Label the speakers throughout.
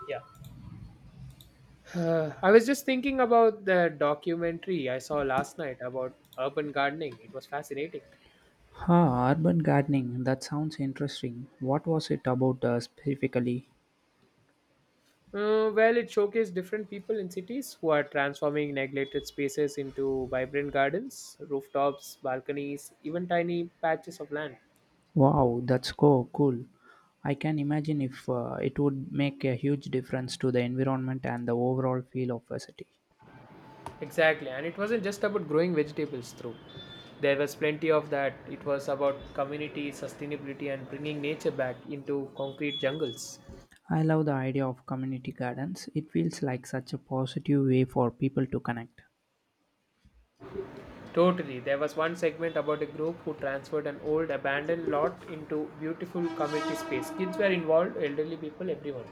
Speaker 1: Yeah. I was just thinking about the documentary I saw last night about urban gardening. It was fascinating.
Speaker 2: Ah, urban gardening. That sounds interesting. What was it about specifically?
Speaker 1: Well, it showcased different people in cities who are transforming neglected spaces into vibrant gardens, rooftops, balconies, even tiny patches of land.
Speaker 2: Wow, that's cool. I can imagine if it would make a huge difference to the environment and the overall feel of a city.
Speaker 1: Exactly, and it wasn't just about growing vegetables through. There was plenty of that. It was about community, sustainability, and bringing nature back into concrete jungles.
Speaker 2: I love the idea of community gardens. It feels like such a positive way for people to connect.
Speaker 1: Totally. There was one segment about a group who transferred an old abandoned lot into beautiful community space. Kids were involved, elderly people, everyone.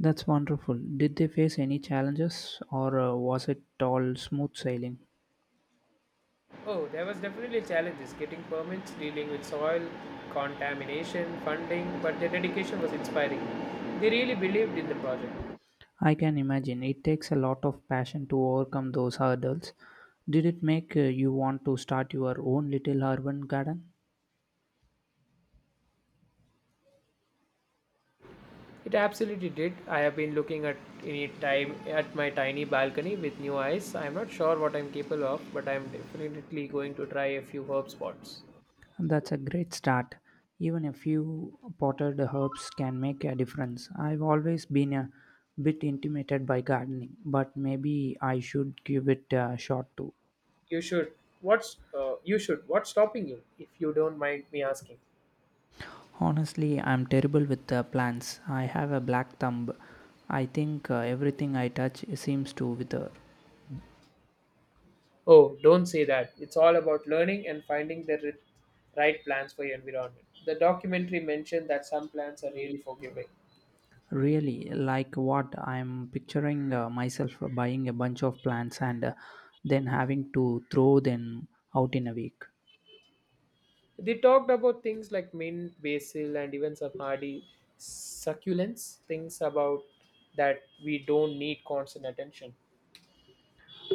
Speaker 2: That's wonderful. Did they face any challenges or was it all smooth sailing?
Speaker 1: Oh, there was definitely challenges getting permits, dealing with soil, contamination, funding, but their dedication was inspiring. They really believed in the project.
Speaker 2: I can imagine it takes a lot of passion to overcome those hurdles. Did it make you want to start your own little urban garden?
Speaker 1: It absolutely did. I have been looking at any time at my tiny balcony with new eyes. I am not sure what I'm capable of, but I'm definitely going to try a few herb spots.
Speaker 2: That's a great start. Even a few potted herbs can make a difference. I've always been a bit intimidated by gardening, but maybe I should give it a shot too.
Speaker 1: You should. What's you should. What's stopping you? If you don't mind me asking.
Speaker 2: Honestly, I'm terrible with plants. I have a black thumb. I think everything I touch seems to wither.
Speaker 1: Oh, don't say that. It's all about learning and finding the right plans for your environment. The documentary mentioned that some plants are really forgiving.
Speaker 2: Really, like what I'm picturing myself buying a bunch of plants and then having to throw them out in a week.
Speaker 1: They talked about things like mint, basil, and even some hardy succulents. Things about that we don't need constant attention.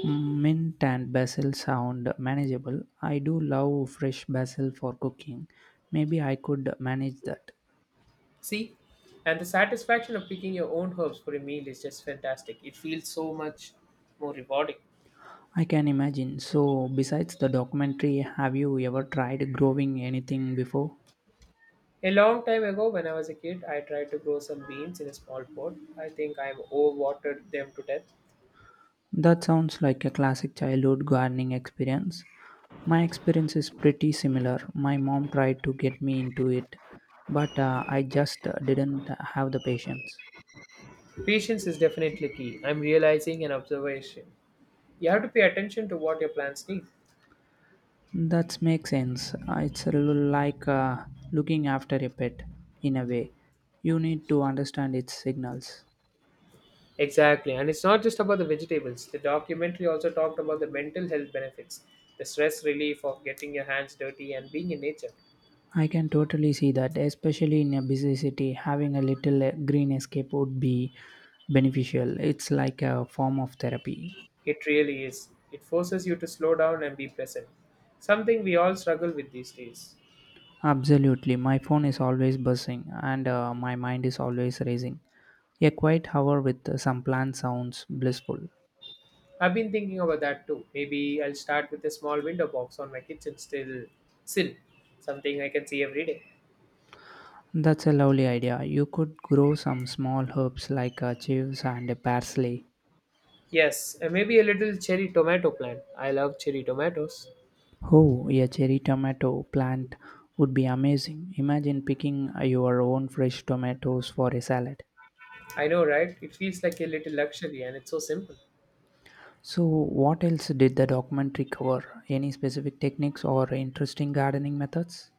Speaker 2: Mint and basil sound manageable. I do love fresh basil for cooking. Maybe I could manage that.
Speaker 1: See, and the satisfaction of picking your own herbs for a meal is just fantastic. It feels so much more rewarding.
Speaker 2: I can imagine. So, besides the documentary, have you ever tried growing anything before?
Speaker 1: A long time ago, when I was a kid, I tried to grow some beans in a small pot. I think I've overwatered them to death.
Speaker 2: That sounds like a classic childhood gardening experience. My experience is pretty similar. My mom tried to get me into it, but I just didn't have the patience.
Speaker 1: Patience is definitely key. I'm realizing an observation. You have to pay attention to what your plants need.
Speaker 2: That makes sense. It's a little like looking after a pet, in a way. You need to understand its signals.
Speaker 1: Exactly, and it's not just about the vegetables. The documentary also talked about the mental health benefits, the stress relief of getting your hands dirty and being in nature.
Speaker 2: I can totally see that, especially in a busy city, having a little green escape would be beneficial. It's like a form of therapy.
Speaker 1: It really is. It forces you to slow down and be present, something we all struggle with these days.
Speaker 2: Absolutely. My phone is always buzzing and my mind is always racing. A quiet hour with some plant sounds blissful.
Speaker 1: I've been thinking about that too. Maybe I'll start with a small window box on my kitchen still sill, something I can see every day.
Speaker 2: That's a lovely idea. You could grow some small herbs like chives and parsley.
Speaker 1: Yes, and maybe a little cherry tomato plant. I love cherry tomatoes.
Speaker 2: Oh, a cherry tomato plant would be amazing. Imagine picking your own fresh tomatoes for a salad.
Speaker 1: I know, right? It feels like a little luxury and it's so simple.
Speaker 2: So, what else did the documentary cover? Any specific techniques or interesting gardening methods?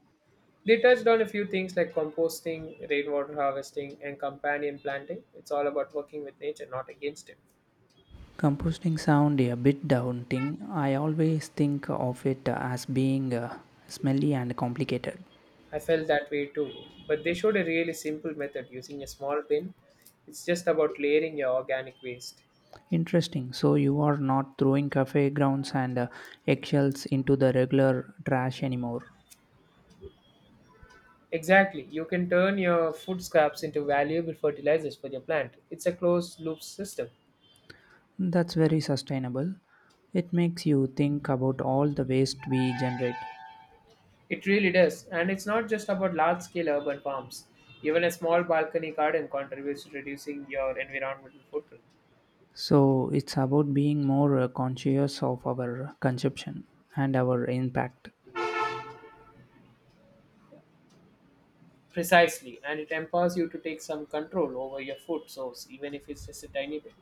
Speaker 1: They touched on a few things like composting, rainwater harvesting, and companion planting. It's all about working with nature, not against it.
Speaker 2: Composting sound a bit daunting. I always think of it as being smelly and complicated.
Speaker 1: I felt that way too. But they showed a really simple method using a small bin. It's just about layering your organic waste.
Speaker 2: Interesting. So you are not throwing cafe grounds and eggshells into the regular trash anymore.
Speaker 1: Exactly. You can turn your food scraps into valuable fertilizers for your plant. It's a closed loop system.
Speaker 2: That's very sustainable. It makes you think about all the waste we generate.
Speaker 1: It really does. And it's not just about large scale urban farms. Even a small balcony garden contributes to reducing your environmental footprint.
Speaker 2: So it's about being more conscious of our consumption and our impact.
Speaker 1: Precisely. And it empowers you to take some control over your food source, even if it's just a tiny bit.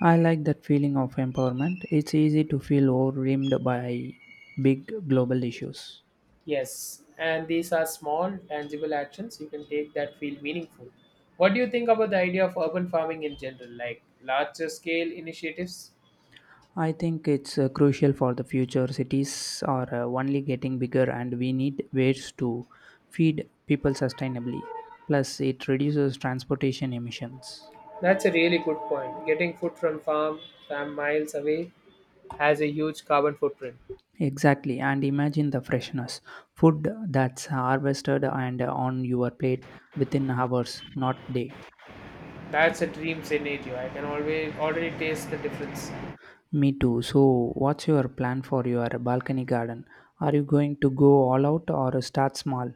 Speaker 2: I like that feeling of empowerment. It's easy to feel overwhelmed by big global issues.
Speaker 1: Yes. And these are small, tangible actions you can take that feel meaningful. What do you think about the idea of urban farming in general, like larger scale initiatives?
Speaker 2: I think it's crucial for the future. Cities are only getting bigger, and we need ways to feed people sustainably. Plus, it reduces transportation emissions.
Speaker 1: That's a really good point. Getting food from farm miles away has a huge carbon footprint.
Speaker 2: Exactly, and imagine the freshness food that's harvested and on your plate within hours, not day.
Speaker 1: That's a dream scenario. I can always already taste the difference.
Speaker 2: Me too. So, what's your plan for your balcony garden? Are you going to go all out or start small?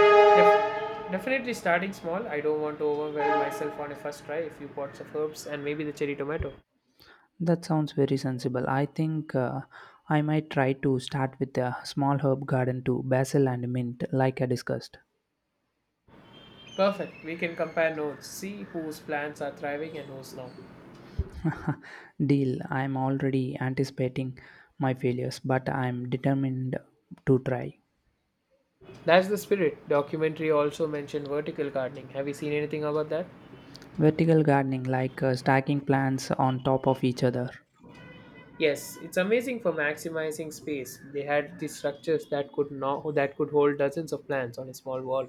Speaker 1: Definitely starting small. I don't want to overwhelm myself on a first try. A few pots of herbs and maybe the cherry tomato.
Speaker 2: That sounds very sensible. I think I might try to start with a small herb garden too, basil and mint, like I discussed.
Speaker 1: Perfect. We can compare notes, see whose plants are thriving and whose not.
Speaker 2: Deal. I'm already anticipating my failures, but I'm determined to try.
Speaker 1: That's the spirit. Documentary also mentioned vertical gardening. Have you seen anything about that?
Speaker 2: Vertical gardening, like stacking plants on top of each other.
Speaker 1: Yes, it's amazing for maximizing space. They had these structures that could not that could hold dozens of plants on a small wall.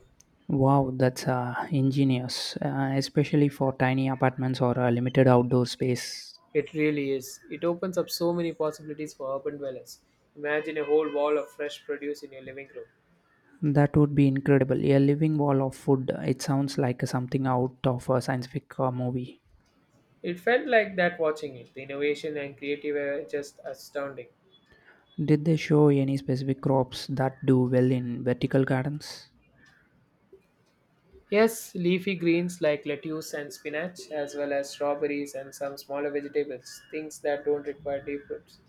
Speaker 2: Wow, that's ingenious, especially for tiny apartments or a limited outdoor space.
Speaker 1: It really is. It opens up so many possibilities for urban dwellers. Imagine a whole wall of fresh produce in your living room.
Speaker 2: That would be incredible. A living wall of food. It sounds like something out of a science fiction movie.
Speaker 1: It felt like that watching it. The innovation and creative were just astounding.
Speaker 2: Did they show any specific crops that do well in vertical gardens?
Speaker 1: Yes, leafy greens like lettuce and spinach, as well as strawberries and some smaller vegetables, things that don't require deep roots.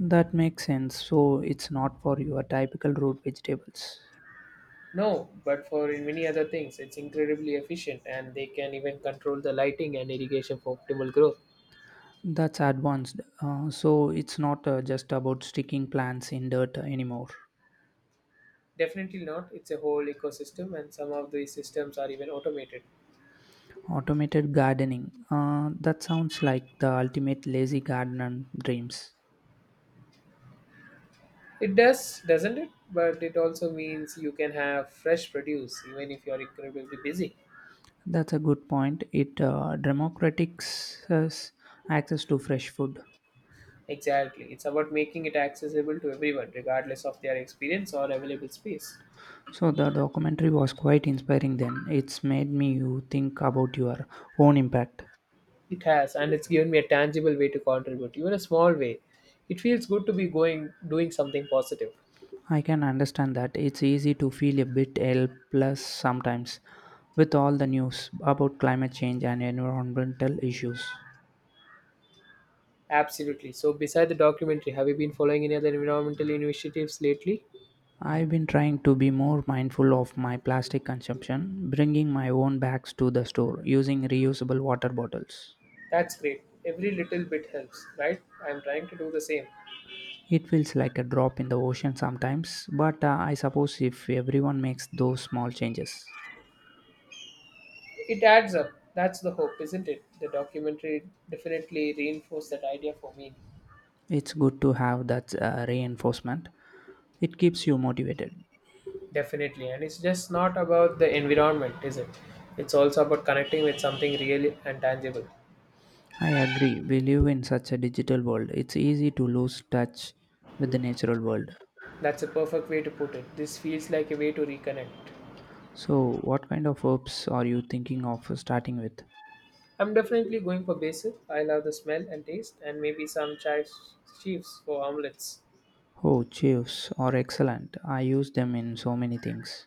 Speaker 2: That makes sense. So it's not for your typical root vegetables.
Speaker 1: No, but for in many other things, it's incredibly efficient and they can even control the lighting and irrigation for optimal growth.
Speaker 2: That's advanced. So it's not just about sticking plants in dirt anymore.
Speaker 1: Definitely not. It's a whole ecosystem and some of these systems are even automated.
Speaker 2: Automated gardening. That sounds like the ultimate lazy gardener dreams.
Speaker 1: It does, doesn't it? But it also means you can have fresh produce even if you're incredibly busy.
Speaker 2: That's a good point. It democratizes access to fresh food.
Speaker 1: Exactly. It's about making it accessible to everyone, regardless of their experience or available space.
Speaker 2: So the documentary was quite inspiring then. It's made me you think about your own impact.
Speaker 1: It has, and it's given me a tangible way to contribute, even a small way. It feels good to be going doing something positive.
Speaker 2: I can understand that. It's easy to feel a bit helpless sometimes with all the news about climate change and environmental issues.
Speaker 1: Absolutely. So, beside the documentary, have you been following any other environmental initiatives lately?
Speaker 2: I've been trying to be more mindful of my plastic consumption, bringing my own bags to the store using reusable water bottles.
Speaker 1: That's great. Every little bit helps, right? I'm trying to do the same.
Speaker 2: It feels like a drop in the ocean sometimes, but I suppose if everyone makes those small changes,
Speaker 1: It adds up. That's the hope, isn't it? The documentary definitely reinforced that idea for me.
Speaker 2: it's good to have that reinforcement. It keeps you motivated.
Speaker 1: Definitely. And it's just not about the environment, is it? It's also about connecting with something real and tangible.
Speaker 2: I agree, we live in such a digital world, it's easy to lose touch with the natural world.
Speaker 1: That's a perfect way to put it. This feels like a way to reconnect.
Speaker 2: So, what kind of herbs are you thinking of starting with?
Speaker 1: I'm definitely going for basil. I love the smell and taste, and maybe some chives for omelets.
Speaker 2: Oh, chives are excellent. I use them in so many things.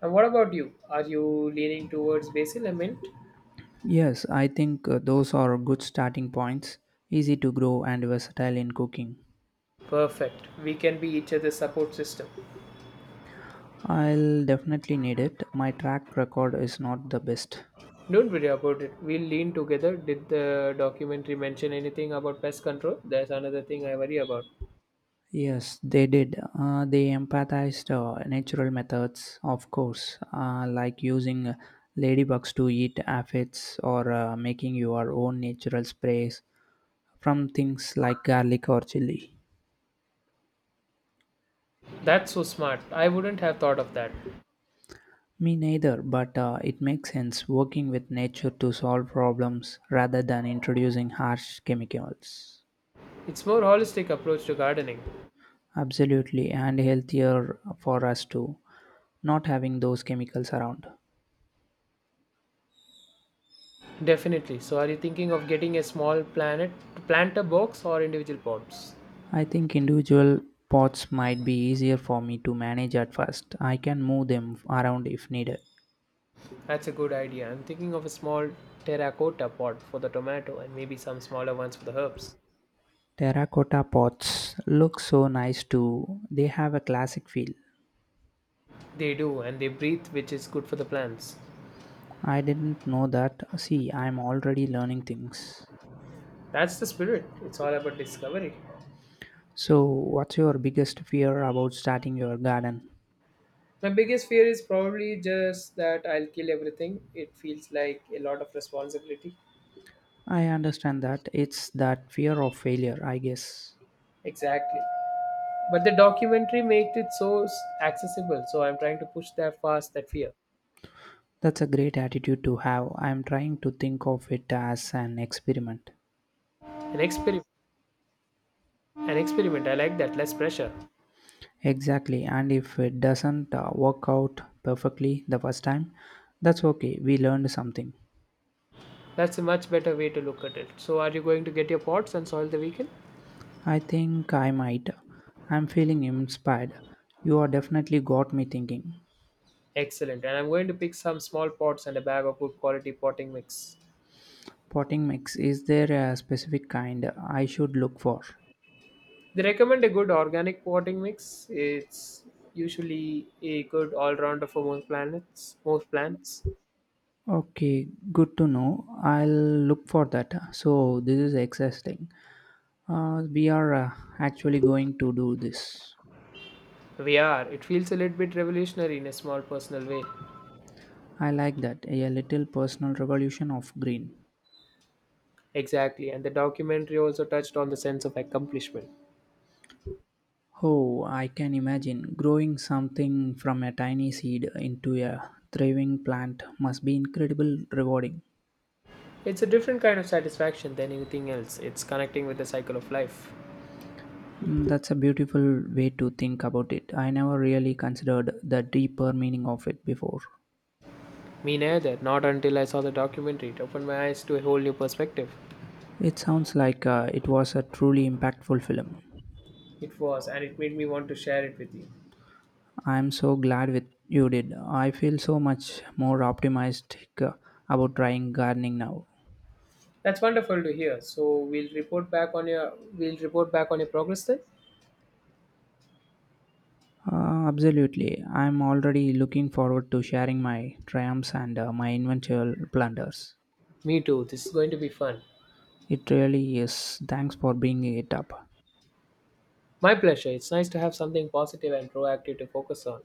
Speaker 1: And what about you? Are you leaning towards basil and mint?
Speaker 2: Yes, I think those are good starting points, easy to grow and versatile in cooking.
Speaker 1: Perfect. We can be each other's support system.
Speaker 2: I'll definitely need it. My track record is not the best.
Speaker 1: Don't worry about it. We'll lean together. Did the documentary mention anything about pest control? That's another thing I worry about.
Speaker 2: Yes, they did. They empathized natural methods, of course, like using ladybugs to eat aphids or making your own natural sprays from things like garlic or chili.
Speaker 1: That's so smart. I wouldn't have thought of that.
Speaker 2: Me neither, but it makes sense working with nature to solve problems rather than introducing harsh chemicals.
Speaker 1: It's more holistic approach to gardening.
Speaker 2: Absolutely, and healthier for us too, not having those chemicals around.
Speaker 1: Definitely. So are you thinking of getting a small planet planter box or individual pots?
Speaker 2: I think individual pots might be easier for me to manage at first. I can move them around if needed.
Speaker 1: That's a good idea. I'm thinking of a small terracotta pot for the tomato and maybe some smaller ones for the herbs.
Speaker 2: Terracotta pots look so nice too. They have a classic feel.
Speaker 1: They do, and they breathe, which is good for the plants.
Speaker 2: I didn't know that. See, I'm already learning things.
Speaker 1: That's the spirit. It's all about discovery.
Speaker 2: So, what's your biggest fear about starting your garden?
Speaker 1: My biggest fear is probably just that I'll kill everything. It feels like a lot of responsibility.
Speaker 2: I understand that it's that fear of failure, I guess.
Speaker 1: Exactly. But the documentary made it so accessible, so I'm trying to push that past that fear.
Speaker 2: That's a great attitude to have. I'm trying to think of it as an experiment.
Speaker 1: An experiment. An experiment. I like that. Less pressure.
Speaker 2: Exactly, and if it doesn't work out perfectly the first time, that's okay. We learned something.
Speaker 1: That's a much better way to look at it. So, are you going to get your pots and soil the weekend?
Speaker 2: I think I might. I'm feeling inspired. You are definitely got me thinking.
Speaker 1: Excellent. And I'm going to pick some small pots and a bag of good quality potting mix.
Speaker 2: Potting mix, is there a specific kind I should look for?
Speaker 1: They recommend a good organic potting mix. It's usually a good all-rounder for most plants.
Speaker 2: Okay, good to know. I'll look for that. So, this is exciting. We are actually going to do this.
Speaker 1: We are. It feels a little bit revolutionary in a small personal way.
Speaker 2: I like that. A little personal revolution of green.
Speaker 1: Exactly. And the documentary also touched on the sense of accomplishment.
Speaker 2: Oh, I can imagine growing something from a tiny seed into a thriving plant must be incredible rewarding.
Speaker 1: It's a different kind of satisfaction than anything else. It's connecting with the cycle of life.
Speaker 2: Mm, that's a beautiful way to think about it. I never really considered the deeper meaning of it before.
Speaker 1: Me neither. Not until I saw the documentary. It opened my eyes to a whole new perspective.
Speaker 2: It sounds like it was a truly impactful film.
Speaker 1: It was, and it made me want to share it with you.
Speaker 2: I'm so glad with you did. I feel so much more optimistic about trying gardening now.
Speaker 1: That's wonderful to hear. So we'll report back on your we'll report back on your progress then.
Speaker 2: Absolutely. I'm already looking forward to sharing my triumphs and my eventual blunders.
Speaker 1: Me too. This is going to be fun.
Speaker 2: It really is. Thanks for bringing it up.
Speaker 1: My pleasure. It's nice to have something positive and proactive to focus on.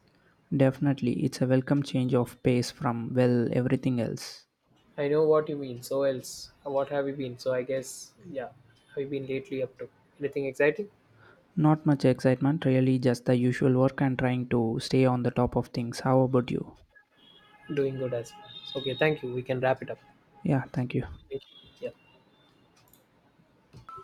Speaker 2: Definitely, it's a welcome change of pace from, well, everything else.
Speaker 1: I know what you mean. So else, what have you been? So I guess, yeah, have you been lately up to anything exciting?
Speaker 2: Not much excitement, really, just the usual work and trying to stay on the top of things. How about you?
Speaker 1: Doing good as well. Okay, thank you. We can wrap it up.
Speaker 2: Yeah, thank you.
Speaker 1: Thank you. Yeah,